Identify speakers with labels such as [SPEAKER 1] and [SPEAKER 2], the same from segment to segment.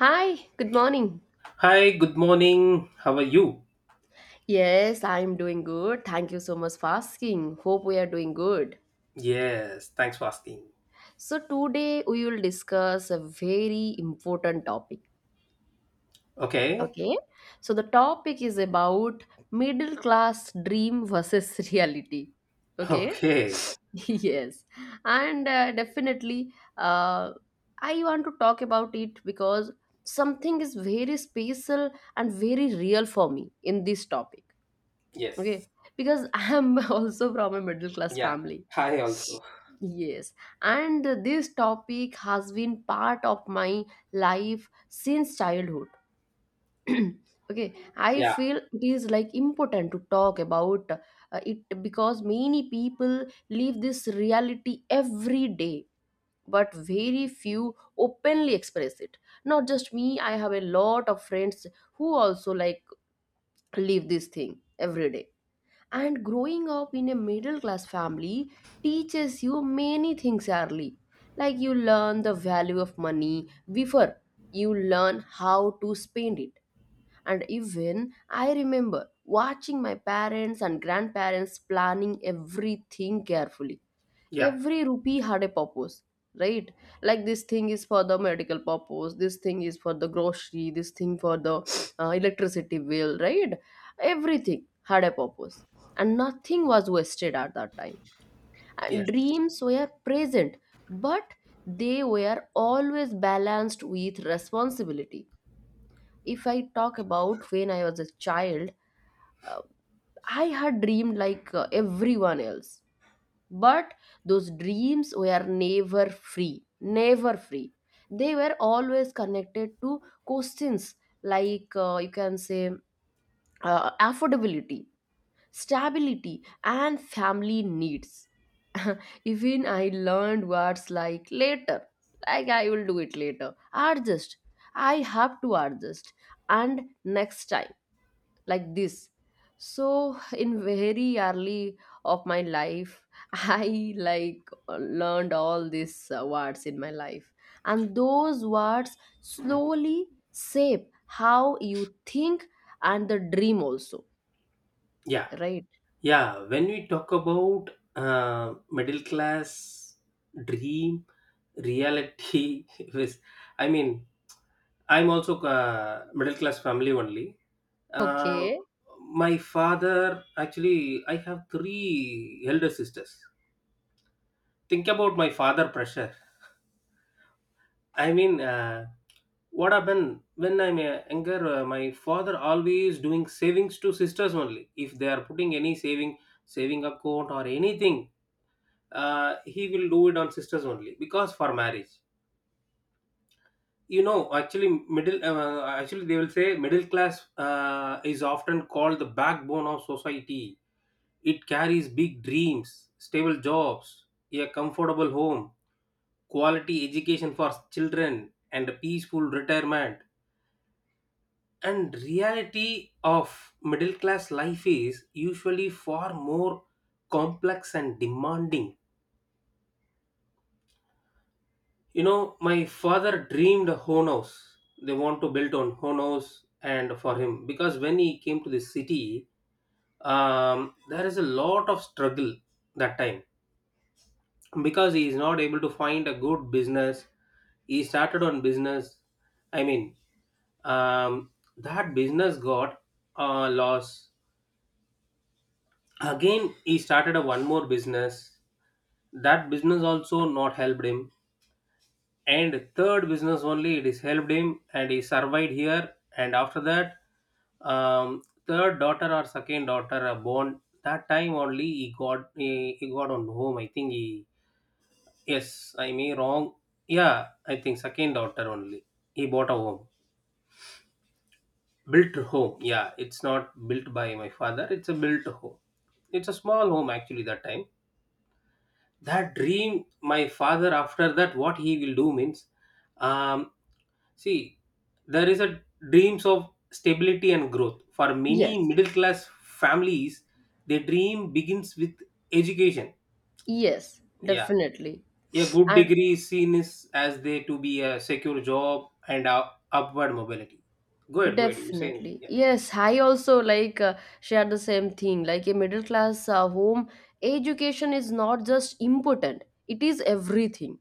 [SPEAKER 1] Hi, good morning.
[SPEAKER 2] Hi, good morning. How are you?
[SPEAKER 1] Yes, I'm doing good. Thank you so much for asking. Hope we are doing good.
[SPEAKER 2] Yes, thanks for asking.
[SPEAKER 1] So, today we will discuss a very important topic.
[SPEAKER 2] Okay,
[SPEAKER 1] Okay, so the topic is about middle class dream versus reality. Okay,
[SPEAKER 2] okay.
[SPEAKER 1] yes, and definitely, I want to talk about it because something is very special and very real for me in this topic. Okay,
[SPEAKER 2] Yes,
[SPEAKER 1] because I am also from a middle class
[SPEAKER 2] yeah.
[SPEAKER 1] family.
[SPEAKER 2] Hi, also.
[SPEAKER 1] Yes, and this topic has been part of my life since childhood. Okay, I
[SPEAKER 2] Yeah,
[SPEAKER 1] feel it is like important to talk about it because many people live this reality every day, but very few openly express it. Not just me, I have a lot of friends who also like live this thing every day. And growing up in a middle class family teaches you many things early. Like, you learn the value of money before you learn how to spend it. And even I remember watching my parents and grandparents planning everything carefully.
[SPEAKER 2] yeah,
[SPEAKER 1] Every rupee had a purpose, right? Like, this thing is for the medical purpose, this thing is for the grocery, this thing for the electricity bill, right? Everything had a purpose, and nothing was wasted at that time. And
[SPEAKER 2] yes,
[SPEAKER 1] dreams were present, but they were always balanced with responsibility. If I talk about when I was a child, uh, I had dreamed like everyone else, but those dreams were never free, never free. They were always connected to questions, like you can say, affordability, stability and family needs. Even I learned words like later, like I will do it later, adjust, I have to adjust, and next time, like this. So, in very early of my life, I like learned all these words in my life, and those words slowly shape how you think and the dream also,
[SPEAKER 2] yeah,
[SPEAKER 1] right?
[SPEAKER 2] yeah. When we talk about middle class dream, reality, I mean, I'm also middle class family only. Uh,
[SPEAKER 1] Okay.
[SPEAKER 2] my father, actually, I have three elder sisters. Think about my father pressure. I mean, what happened when I'm younger? My father always doing savings to sisters only. If they are putting any saving account or anything, he will do it on sisters only because for marriage. You know, actually, middle actually they will say middle class is often called the backbone of society. It carries big dreams, stable jobs, a comfortable home, quality education for children, and a peaceful retirement, and reality of middle class life is usually far more complex and demanding. You know, my father dreamed a own house. They want to build on own house. And for him, because when he came to the city, there is a lot of struggle that time, because he is not able to find a good business. He started on business. I mean, um, that business got a loss. Again, he started a one more business. That business also not helped him. And third business only it is helped him and he survived here. And after that, third daughter or second daughter are born. That time only he got, he got on home, I think. He, yes, I may wrong. Yeah, I think second daughter only he bought a home, built home. Yeah, it's not built by my father, it's a built home. It's a small home actually that time. That dream my father after that what he will do means, um, see, there is a dreams of stability and growth for many
[SPEAKER 1] Yes.
[SPEAKER 2] middle class families. Their dream begins with education.
[SPEAKER 1] Yes,
[SPEAKER 2] Yeah,
[SPEAKER 1] definitely.
[SPEAKER 2] a good
[SPEAKER 1] And
[SPEAKER 2] degree is seen as they to be a secure job and upward mobility. Go ahead, go ahead, you say.
[SPEAKER 1] definitely,
[SPEAKER 2] Yeah,
[SPEAKER 1] yes, I also like share the same thing. Like, a middle class home, education is not just important, it is everything,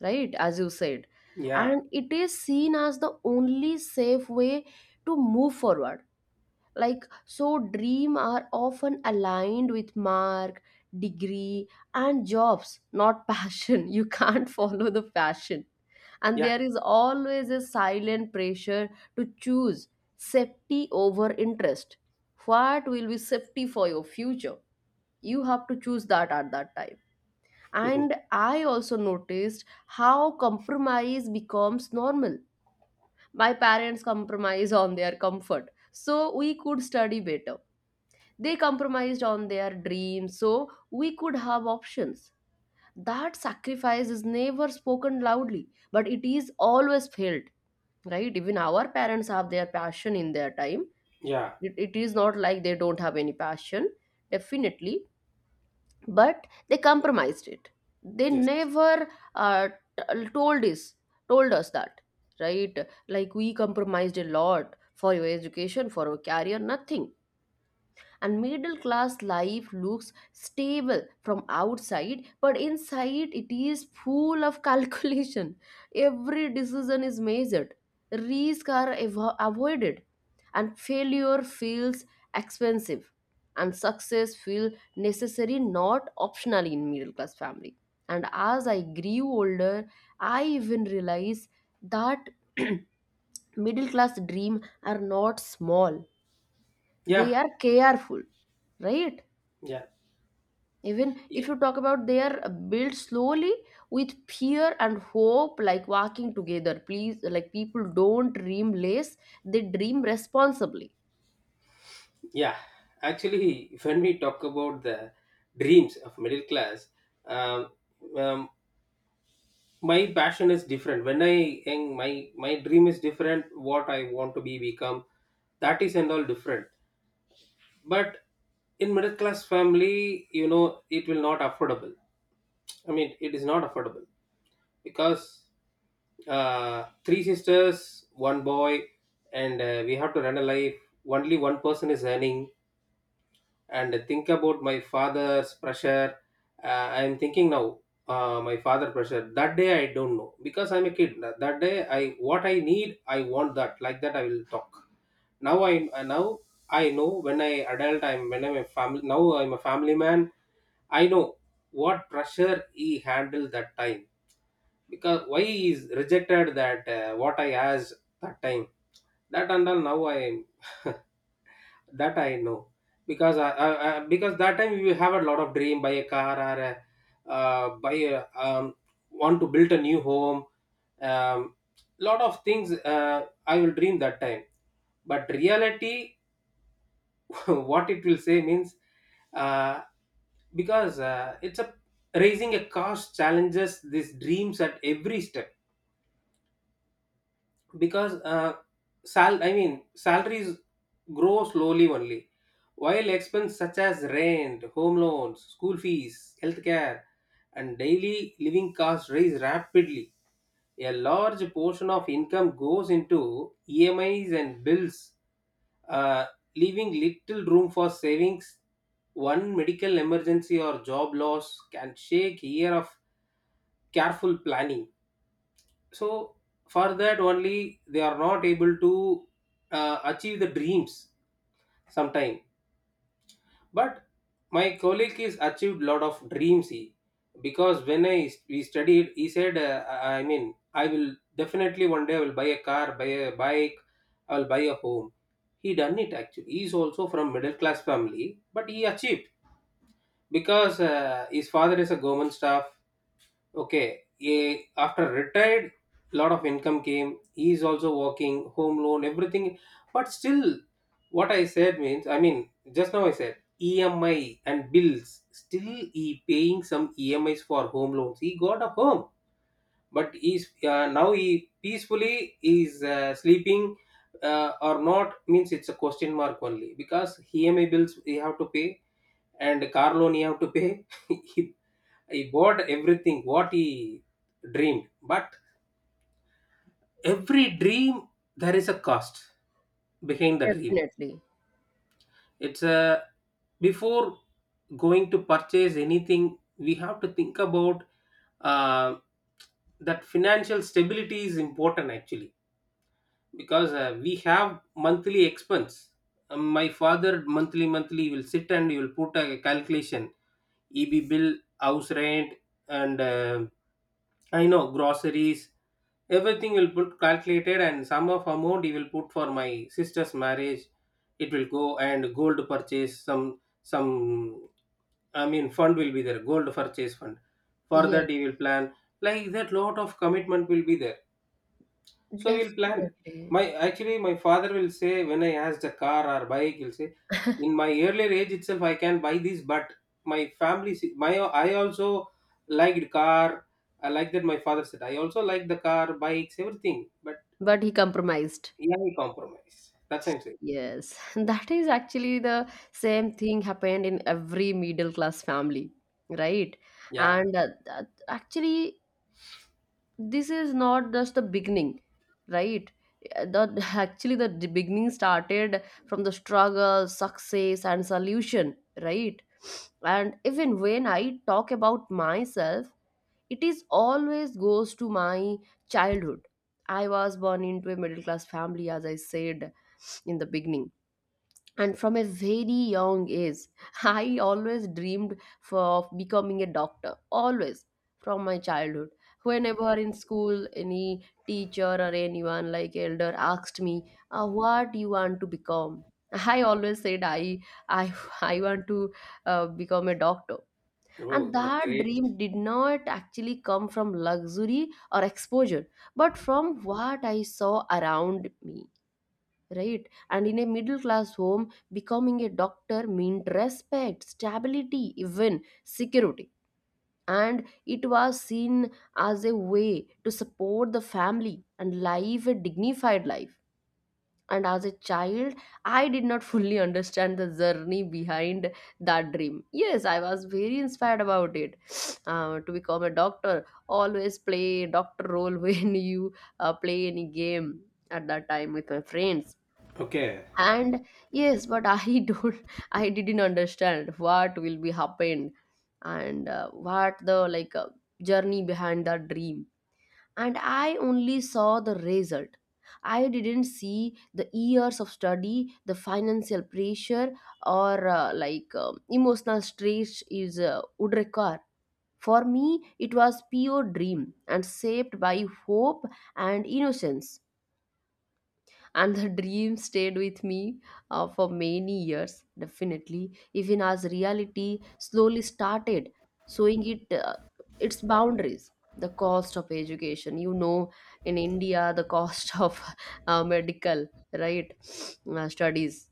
[SPEAKER 1] right? As you said.
[SPEAKER 2] yeah,
[SPEAKER 1] And it is seen as the only safe way to move forward. Like, so dream are often aligned with mark, degree, and jobs, not passion. You can't follow the passion, and
[SPEAKER 2] yeah,
[SPEAKER 1] there is always a silent pressure to choose safety over interest. What will be safety for your future, you have to choose that at that time. And I also noticed how compromise becomes normal. My parents compromise on their comfort so we could study better. They compromised on their dreams so we could have options. That sacrifice is never spoken loudly, but it is always felt, right? Even our parents have their passion in their time.
[SPEAKER 2] yeah,
[SPEAKER 1] It is not like they don't have any passion, definitely, but they compromised it. They
[SPEAKER 2] yes,
[SPEAKER 1] never told us, told us that, right? Like, we compromised a lot for your education, for our career, nothing. And middle class life looks stable from outside, but inside it is full of calculation. Every decision is measured, risks are avoided, and failure feels expensive, and success feels necessary, not optional in middle class family. And as I grew older, I even realized that middle class dream are not small. They
[SPEAKER 2] yeah,
[SPEAKER 1] are careful, right? Even
[SPEAKER 2] yeah.
[SPEAKER 1] if you talk about, they are built slowly, with fear and hope like walking together. Please, like, people don't dream less, they dream responsibly.
[SPEAKER 2] Yeah, actually, when we talk about the dreams of middle class, um, um, my passion is different. When I young, my dream is different. What I want to be become, that is and all different. But in middle class family, it will not affordable. I mean, it is not affordable because three sisters, one boy, and we have to run a life. Only one person is earning and think about my father's pressure. I'm thinking now. My father pressure that day I don't know because I'm a kid. That day I what I need I want that like that I will talk now. I Now I know when I adult, I'm when I'm a family. Now I'm a family man. I know what pressure he handled that time. Because why he is rejected that what I asked that time, that and all now I. That I know because I because that time we have a lot of dream buy a car or a, buy a, want to build a new home. Um, lot of things I will dream that time, but reality what it will say means, uh, because it's a raising a cost challenges these dreams at every step. Because sal I mean, salaries grow slowly only, while expenses such as rent, home loans, school fees, healthcare, and daily living costs rise rapidly. A large portion of income goes into EMIs and bills, uh, leaving little room for savings. One medical emergency or job loss can shake a year of careful planning. So for that only they are not able to achieve the dreams sometime. But my colleague is achieved lot of dreams. He, because when I we studied, he said, I mean, I will definitely one day I will buy a car, buy a bike, I will buy a home. He done it. Actually, he is also from middle class family, but he achieved because his father is a government staff. Okay, a after retired, lot of income came. He is also working, home loan, everything. But still, what I said means, I mean, just now I said EMI and bills. Still, he paying some EMIs for home loans. He got a home, but he's, now he peacefully is sleeping, or not means it's a question mark only because EMI bills you have to pay and car loan you have to pay. He bought everything what he dreamed, but every dream there is a cost behind the dream.
[SPEAKER 1] Definitely.
[SPEAKER 2] It's a before going to purchase anything we have to think about, uh, that financial stability is important actually. Because we have monthly expense. My father monthly will sit and he will put a calculation, eb bill, house rent, and I know, groceries, everything will put calculated and sum of amount he will put for my sister's marriage. It will go and gold purchase, some I mean fund will be there, gold purchase fund. For
[SPEAKER 1] Yes.
[SPEAKER 2] that he will plan. Like that lot of commitment will be there, so we'll plan.
[SPEAKER 1] Definitely,
[SPEAKER 2] My actually my father will say when I asked a car or bike, he'll say in my earlier age itself I can buy this, but my family my, I also liked car. I like that my father said I also like the car, bikes, everything. But
[SPEAKER 1] but he compromised.
[SPEAKER 2] yeah, compromise. That's what I'm saying.
[SPEAKER 1] Yes, that is actually the same thing happened in every middle class family, right?
[SPEAKER 2] Yeah.
[SPEAKER 1] And actually, this is not just the beginning, right? The, actually the beginning started from the struggle, success and solution, right? And even when I talk about myself, it is always goes to my childhood. I was born into a middle class family, as I said in the beginning, and from a very young age, I always dreamed of becoming a doctor, always, from my childhood. Whenever in school any teacher or anyone like elder asked me, What you want to become?" I always said, i, I want to become a doctor. And
[SPEAKER 2] Oh, that
[SPEAKER 1] that
[SPEAKER 2] great.
[SPEAKER 1] dream did not actually come from luxury or exposure, but from what I saw around me, right? And in a middle class home, becoming a doctor meant respect, stability, even security, and it was seen as a way to support the family and live a dignified life. And as a child, I did not fully understand the journey behind that dream. Yes, I was very inspired about it. To become a doctor, always play doctor role when you play any game at that time with my friends.
[SPEAKER 2] Okay.
[SPEAKER 1] And yes, but I don't I didn't understand what will be happened, and what the like journey behind that dream. And I only saw the result. I didn't see the years of study, the financial pressure, or like emotional stress is would require for me. It was pure dream, and shaped by hope and innocence. And the dream stayed with me for many years, definitely, even as reality slowly started showing it its boundaries. The cost of education, in India, the cost of medical, right, studies,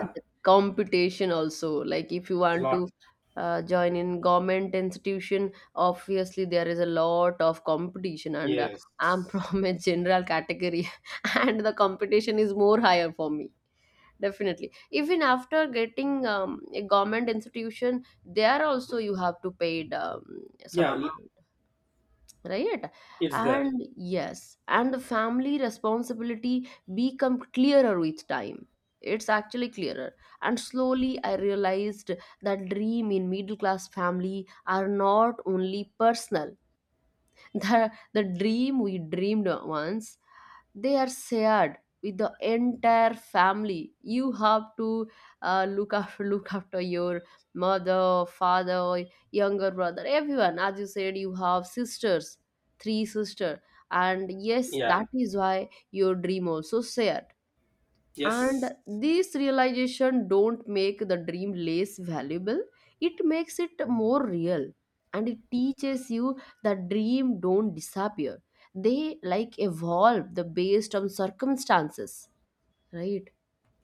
[SPEAKER 1] and the computation also, like if you want
[SPEAKER 2] Lot.
[SPEAKER 1] to join in government institution, obviously there is a lot of competition. And I'm
[SPEAKER 2] Yes.
[SPEAKER 1] from a general category, and the competition is more higher for me, definitely. Even after getting a government institution, there also you have to pay some
[SPEAKER 2] Yeah.
[SPEAKER 1] amount, right?
[SPEAKER 2] It's there.
[SPEAKER 1] And yes, and the family responsibility become clearer with time. It's actually clearer. And slowly I realized that dream in middle class family are not only personal. The dream we dreamed once, they are shared with the entire family. You have to look after, look after your mother, father, younger brother, everyone. As you said, you have sisters, three sister. And yes,
[SPEAKER 2] Yeah.
[SPEAKER 1] that is why your dream also share. And
[SPEAKER 2] Yes.
[SPEAKER 1] this realization don't make the dream less valuable, it makes it more real. And it teaches you that dream don't disappear, they like evolve the based on circumstances, right?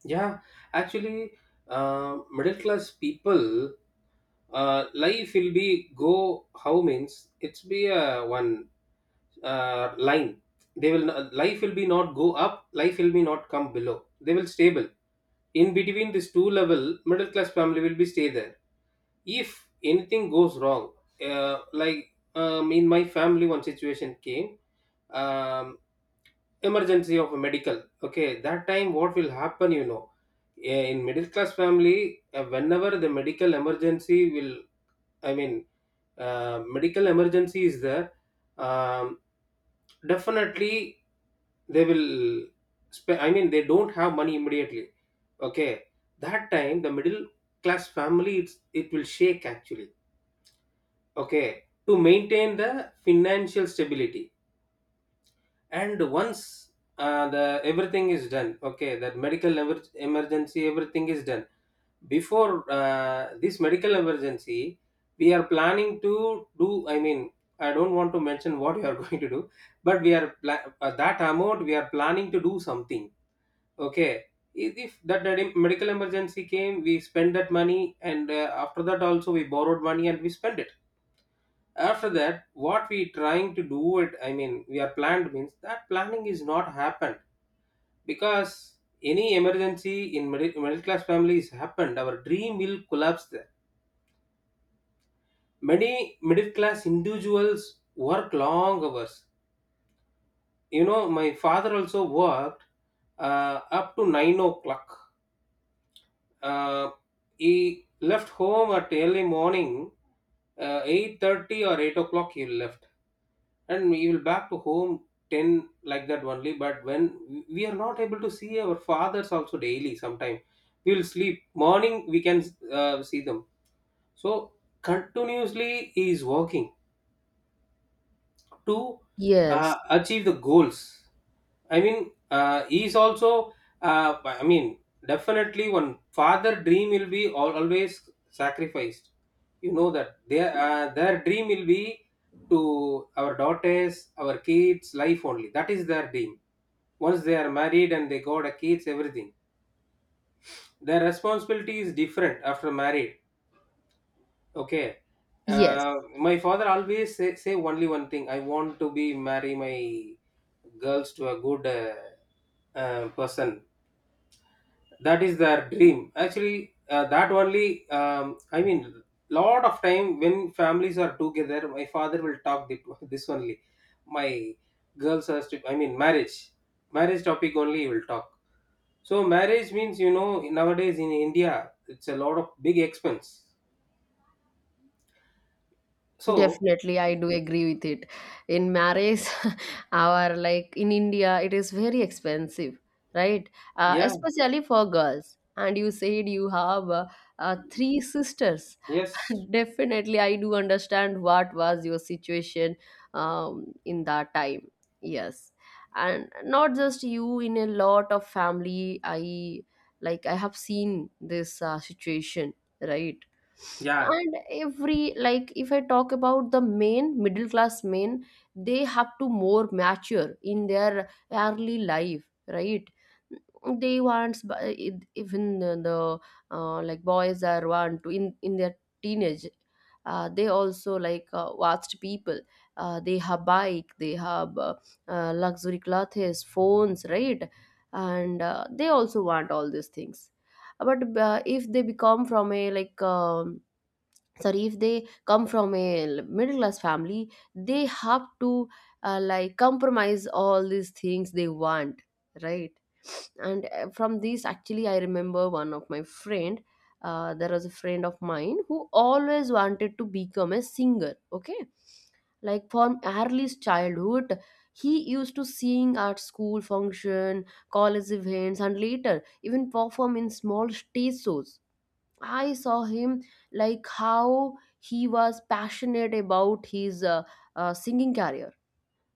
[SPEAKER 2] Yeah. Actually, middle class people, life will be go how means it's be a one line. They will not, life will be not go up. Life will be not come below. They will stable in between this two level. Middle class family will be stay there if anything goes wrong, like, in my family one situation came. Um, emergency of a medical. Okay, that time what will happen, you know, in middle class family, whenever the medical emergency will, I mean, medical emergency is there. Um, definitely, they will. I mean, they don't have money immediately. Okay, that time the middle class family it will shake actually. Okay, to maintain the financial stability. And once, the everything is done, okay, that medical emergency, everything is done. Before this medical emergency, we are planning to do, I mean, I don't want to mention what you are going to do, but we are that amount we are planning to do something. Okay, if that medical emergency came, we spend that money, and after that also we borrowed money and we spend it. After that what we trying to do it, I mean, we are planned means that planning is not happened. Because any emergency in middle class families happened, our dream will collapse there. Many middle class individuals work long hours. You know, my father also worked up to 9 o'clock. Uh, he left home at early morning, 8:30 or 8 o'clock he left. And he will back to home 10 like that only. But when we are not able to see our fathers also daily sometime, we will sleep. Morning we can see them. So continuously he is working to
[SPEAKER 1] Yes.
[SPEAKER 2] achieve the goals. I mean, he's also. I mean, definitely, one father dream will be always sacrificed. You know that their dream will be to our daughters, our kids' life only. That is their dream. Once they are married and they got a kids, everything. Their responsibility is different after married. Okay.
[SPEAKER 1] Yes,
[SPEAKER 2] My father always say only one thing. I want to be marry my girls to a good person. That is their dream actually, that only. I mean, lot of time when families are together my father will talk this only. My girls are I mean, marriage topic only he will talk. So marriage means, you know, nowadays in India it's a lot of big expense. So
[SPEAKER 1] definitely, I do agree with it. In marriage, our, like, in India it is very expensive, right?
[SPEAKER 2] yeah.
[SPEAKER 1] Especially for girls, and you said you have three sisters.
[SPEAKER 2] Yes.
[SPEAKER 1] Definitely, I do understand what was your situation in that time. Yes, and not just you. In a lot of family, I have seen this situation, right?
[SPEAKER 2] Yeah.
[SPEAKER 1] And every, like, if I talk about the men, middle class men, they have to more mature in their early life, right? they wants bu- Even the like, boys are want to in their teenage, they also like watched people, they have bike, they have luxury clothes, phones, right? And they also want all these things. But if they become from a, like, sorry, if they come from a middle class family, they have to like compromise all these things they want, right? And from this, actually, I remember one of my friend. There was a friend of mine who always wanted to become a singer, okay, like from earliest childhood. He used to sing at school function, college events, and later even perform in small stage shows. I saw him, like, how he was passionate about his singing career,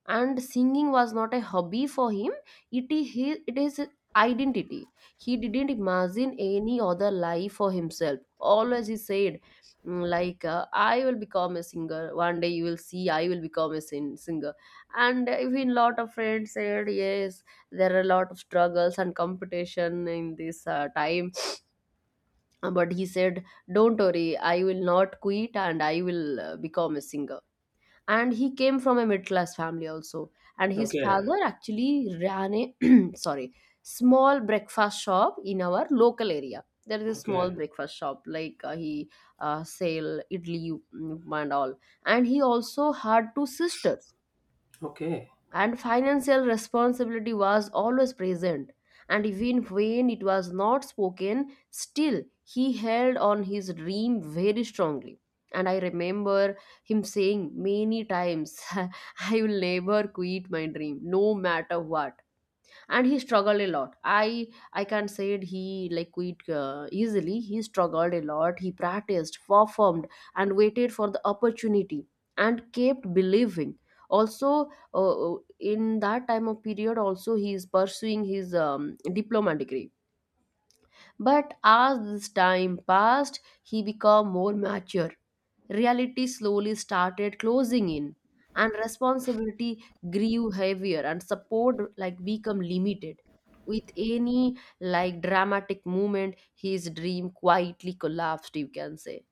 [SPEAKER 1] and singing was not a hobby for him. It is his identity. He didn't imagine any other life for himself. Always he said, like, I will become a singer. One day you will see, I will become a singer. And even lot of friends said, yes, there are a lot of struggles and competition in this time, but he said, don't worry, I will not quit, and I will become a singer. And he came from a middle class family also. And his
[SPEAKER 2] Okay,
[SPEAKER 1] father actually ran a sorry, small breakfast shop in our local area. There is a small
[SPEAKER 2] okay,
[SPEAKER 1] breakfast shop, like he sell idli, and all. And he also had two sisters,
[SPEAKER 2] okay,
[SPEAKER 1] and financial responsibility was always present, and even when it was not spoken, still he held on his dream very strongly. And I remember him saying many times, I will never quit my dream, no matter what. And he struggled a lot. I can't say it, he like quit easily. He struggled a lot, he practiced, performed, and waited for the opportunity, and kept believing. Also, in that time of period also, he is pursuing his diploma degree. But as this time passed, he became more mature. Reality slowly started closing in, and responsibility grew heavier, and support like become limited. With any like dramatic moment, his dream quietly collapsed, you can say.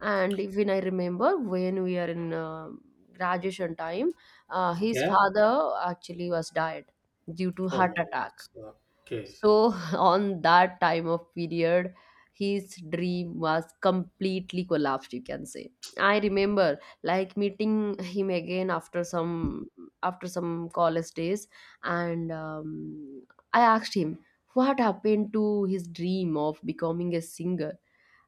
[SPEAKER 1] And even I remember when we are in graduation time, his
[SPEAKER 2] okay.
[SPEAKER 1] father actually was died due to
[SPEAKER 2] Oh
[SPEAKER 1] heart
[SPEAKER 2] my
[SPEAKER 1] attack
[SPEAKER 2] god. Okay.
[SPEAKER 1] so, on that time of period, his dream was completely collapsed, you can say. I remember like meeting him again after some college days, and I asked him what happened to his dream of becoming a singer,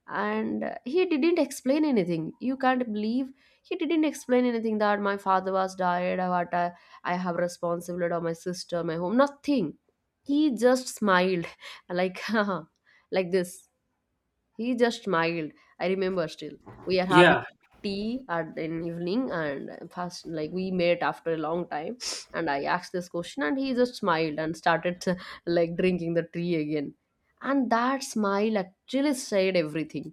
[SPEAKER 1] and he didn't explain anything. You can't believe he didn't explain anything, that my father was died, what I have responsibility of my sister, my home, nothing. He just smiled like like this. He just smiled, I remember still. We are having
[SPEAKER 2] Yeah.
[SPEAKER 1] tea at an evening, and first like we met after a long time, and I asked this question and he just smiled and started like drinking the tea again. And that smile actually said everything.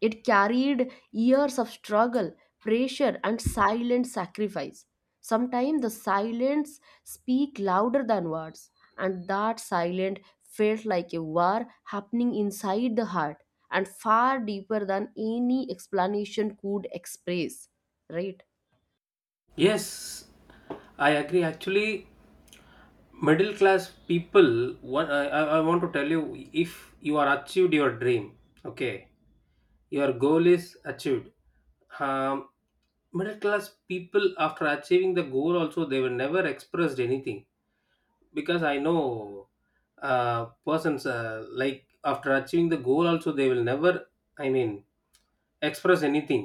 [SPEAKER 1] It carried years of struggle, pressure, and silent sacrifice. Sometimes the silence speak louder than words, and that silence felt like a war happening inside the heart, and far deeper than any explanation could express. Right?
[SPEAKER 2] Yes, I agree actually. Middle class people, one I want to tell you: if you are achieved your dream, okay, your goal is achieved. Um, middle class people after achieving the goal also they were never expressed anything. Because I know persons, like after achieving the goal also they will never, I mean, express anything.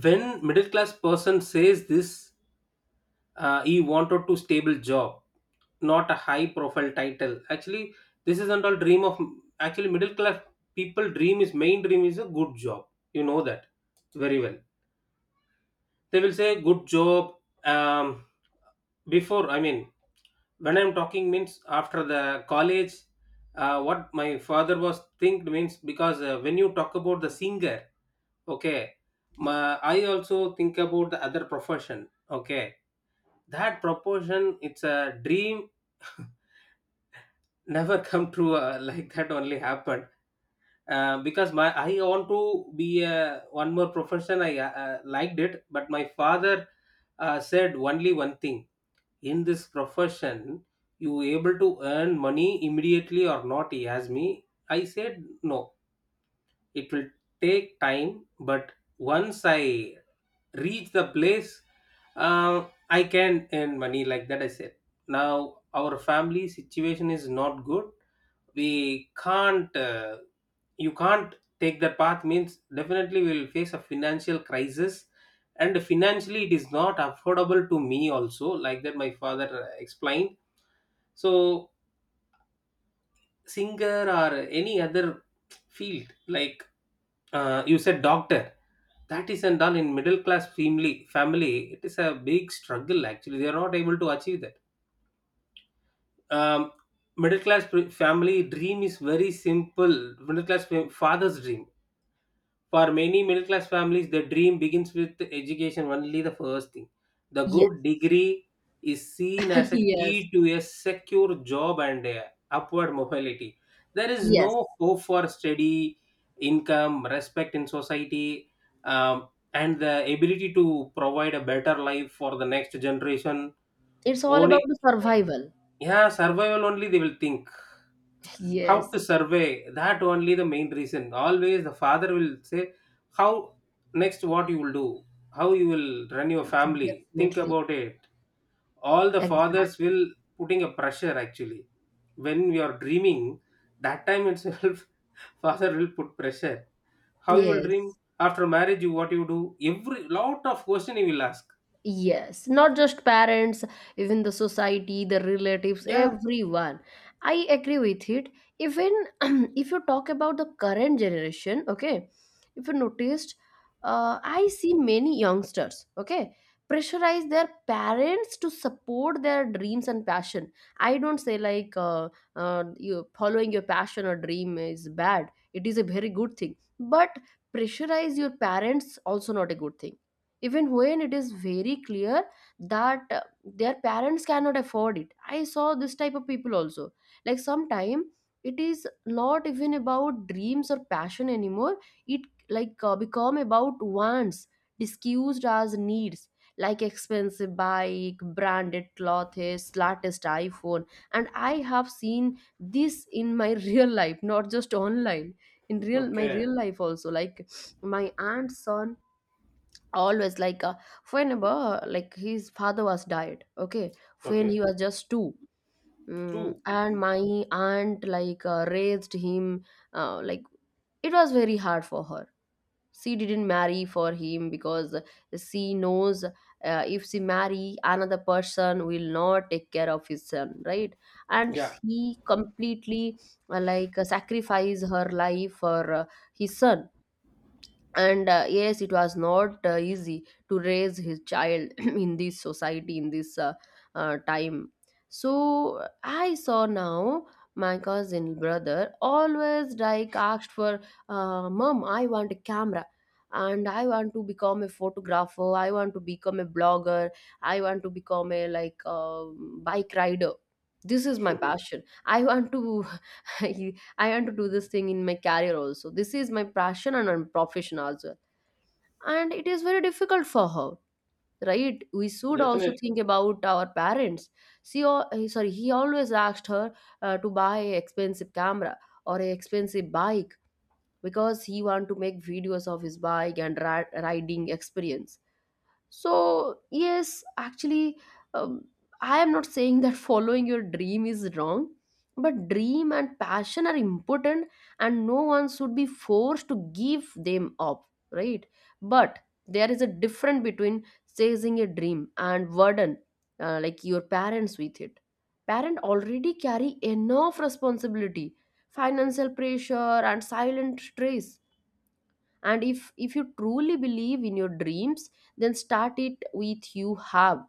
[SPEAKER 2] When middle class person says this, he wanted to stable job, not a high profile title actually. This isn't all dream of actually middle class people dream is main dream is a good job. You know that very well. They will say good job. Um, before, I mean, when I'm talking means after the college, what my father was think means, because when you talk about the singer, okay, I also think about the other profession. Okay, that proportion it's a dream. Never come true, like that only happened. Because my I want to be one more profession I liked it, but my father said only one thing. In this profession, you able to earn money immediately or not, he asked me. I said, no, it will take time, but once I reach the place, I can earn money, like that I said. Now our family situation is not good. We can't uh, you can't take that path means definitely we will face a financial crisis. And financially it is not affordable to me also, like that my father explained. So singer or any other field like, you said doctor, that is and done in middle class family it is a big struggle actually. They are not able to achieve that. Um, middle class family dream is very simple. Middle class father's dream. For many middle class families, the dream begins with education, only the first thing. The
[SPEAKER 1] Yes.
[SPEAKER 2] good degree is seen as a
[SPEAKER 1] Yes.
[SPEAKER 2] key to a secure job and upward mobility. There is
[SPEAKER 1] Yes.
[SPEAKER 2] no hope for steady income, respect in society, um, and the ability to provide a better life for the next generation.
[SPEAKER 1] It's all about
[SPEAKER 2] Only,
[SPEAKER 1] the survival.
[SPEAKER 2] yeah, survival only they will think. How
[SPEAKER 1] Yes,
[SPEAKER 2] to survey, that only the main reason. Always the father will say how next what you will do, how you will run your family, think
[SPEAKER 1] definitely.
[SPEAKER 2] about it. All the fathers
[SPEAKER 1] Exactly.
[SPEAKER 2] will putting a pressure actually. When we are dreaming, that time itself father will put pressure. How you will dream
[SPEAKER 1] Yes.
[SPEAKER 2] after marriage, you what you do? Every lot of question he will ask.
[SPEAKER 1] Yes, not just parents, even the society, the relatives,
[SPEAKER 2] Yeah.
[SPEAKER 1] everyone. I agree with it. Even if you talk about the current generation, okay, if you noticed, I see many youngsters, okay, pressurize their parents to support their dreams and passion. I don't say like you following your passion or dream is bad. It is a very good thing, but pressurize your parents also not a good thing, even when it is very clear that their parents cannot afford it. I saw this type of people also, like sometime it is not even about dreams or passion anymore. It become about wants disguised as needs, like expensive bike, branded clothes, latest iPhone. And I have seen this in my real life, not just online, in real my
[SPEAKER 2] Okay,
[SPEAKER 1] real life also, like my aunt's son always like whenever, like, his father was died, okay, when
[SPEAKER 2] okay.
[SPEAKER 1] he was just two. Mm,
[SPEAKER 2] Two.
[SPEAKER 1] and my aunt like raised him, like it was very hard for her. She didn't marry for him because she knows if she marry, another person will not take care of his son, right? And
[SPEAKER 2] Yeah.
[SPEAKER 1] he completely like sacrifice her life for his son. And yes, it was not easy to raise his child in this society, in this time. So I saw now my cousin brother always like asked for, mom, I want a camera, and I want to become a photographer, I want to become a blogger, I want to become a like bike rider. This is my passion, I want to I want to do this thing in my career also. This is my passion and my profession also. And it is very difficult for her, right? We should also
[SPEAKER 2] Definitely.
[SPEAKER 1] think about our parents. Sorry, he always asked her to buy an expensive camera or an expensive bike, because he want to make videos of his bike and riding experience. So, yes, actually, um, I am not saying that following your dream is wrong, but dream and passion are important, and no one should be forced to give them up, right? But there is a difference between chasing a dream and burden, like, your parents with it. Parents already carry enough responsibility, financial pressure, and silent stress. And if you truly believe in your dreams, then start it with you have,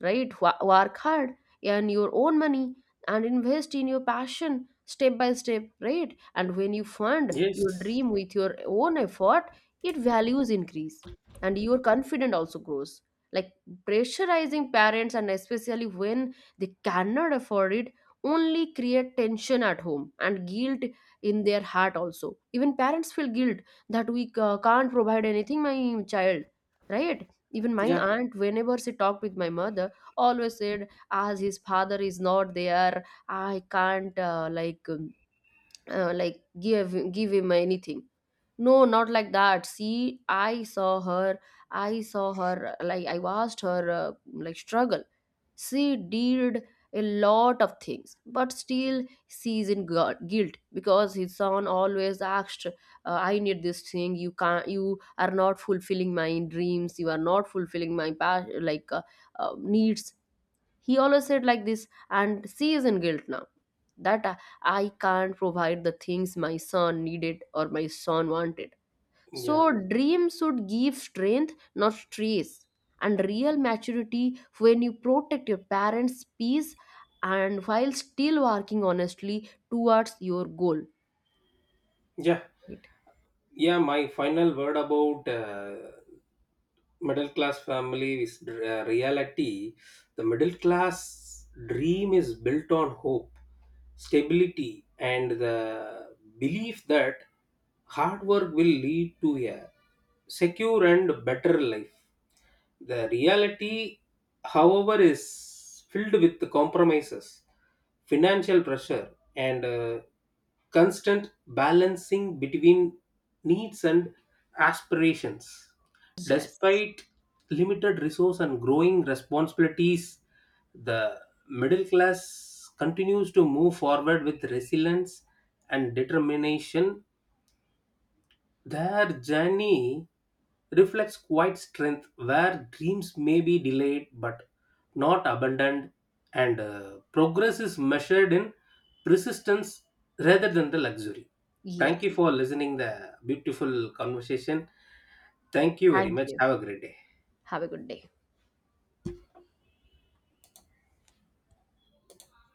[SPEAKER 1] right? Work hard, earn your own money, and invest in your passion step by step, right? And when you fund your
[SPEAKER 2] Yes.
[SPEAKER 1] dream with your own effort, it values increase, and your confidence also grows. Like pressurizing parents, and especially when they cannot afford it, only create tension at home and guilt in their heart also. Even parents feel guilt that we can't provide anything, my child, right? Even my
[SPEAKER 2] Yeah,
[SPEAKER 1] aunt, whenever she talked with my mother, always said as his father is not there, I can't like give him anything. No, not like that. See, I saw her, I saw her, like, I watched her like struggle. She did a lot of things, but still she is in guilt because his son always asked, I need this thing, you can't, you are not fulfilling my dreams, you are not fulfilling my like needs. He always said like this, and she is in guilt now, that I I can't provide the things my son needed or my son wanted. So
[SPEAKER 2] yeah,
[SPEAKER 1] dreams should give strength, not stress. And real maturity when you protect your parents peace, and while still working honestly towards your goal.
[SPEAKER 2] yeah.
[SPEAKER 1] Right.
[SPEAKER 2] Yeah, my final word about middle class family is reality. The middle class dream is built on hope, stability, and the belief that hard work will lead to a secure and better life. The reality however is filled with the compromises, financial pressure, and constant balancing between needs and aspirations.
[SPEAKER 1] Yes.
[SPEAKER 2] Despite limited resource and growing responsibilities, the middle class continues to move forward with resilience and determination. Their journey reflects quite strength where dreams may be delayed but not abandoned, and progress is measured in persistence rather than the luxury. Thank
[SPEAKER 1] Yes,
[SPEAKER 2] you for listening the beautiful conversation. Thank you very
[SPEAKER 1] thank
[SPEAKER 2] much.
[SPEAKER 1] you.
[SPEAKER 2] Have a great day.
[SPEAKER 1] Have a good day.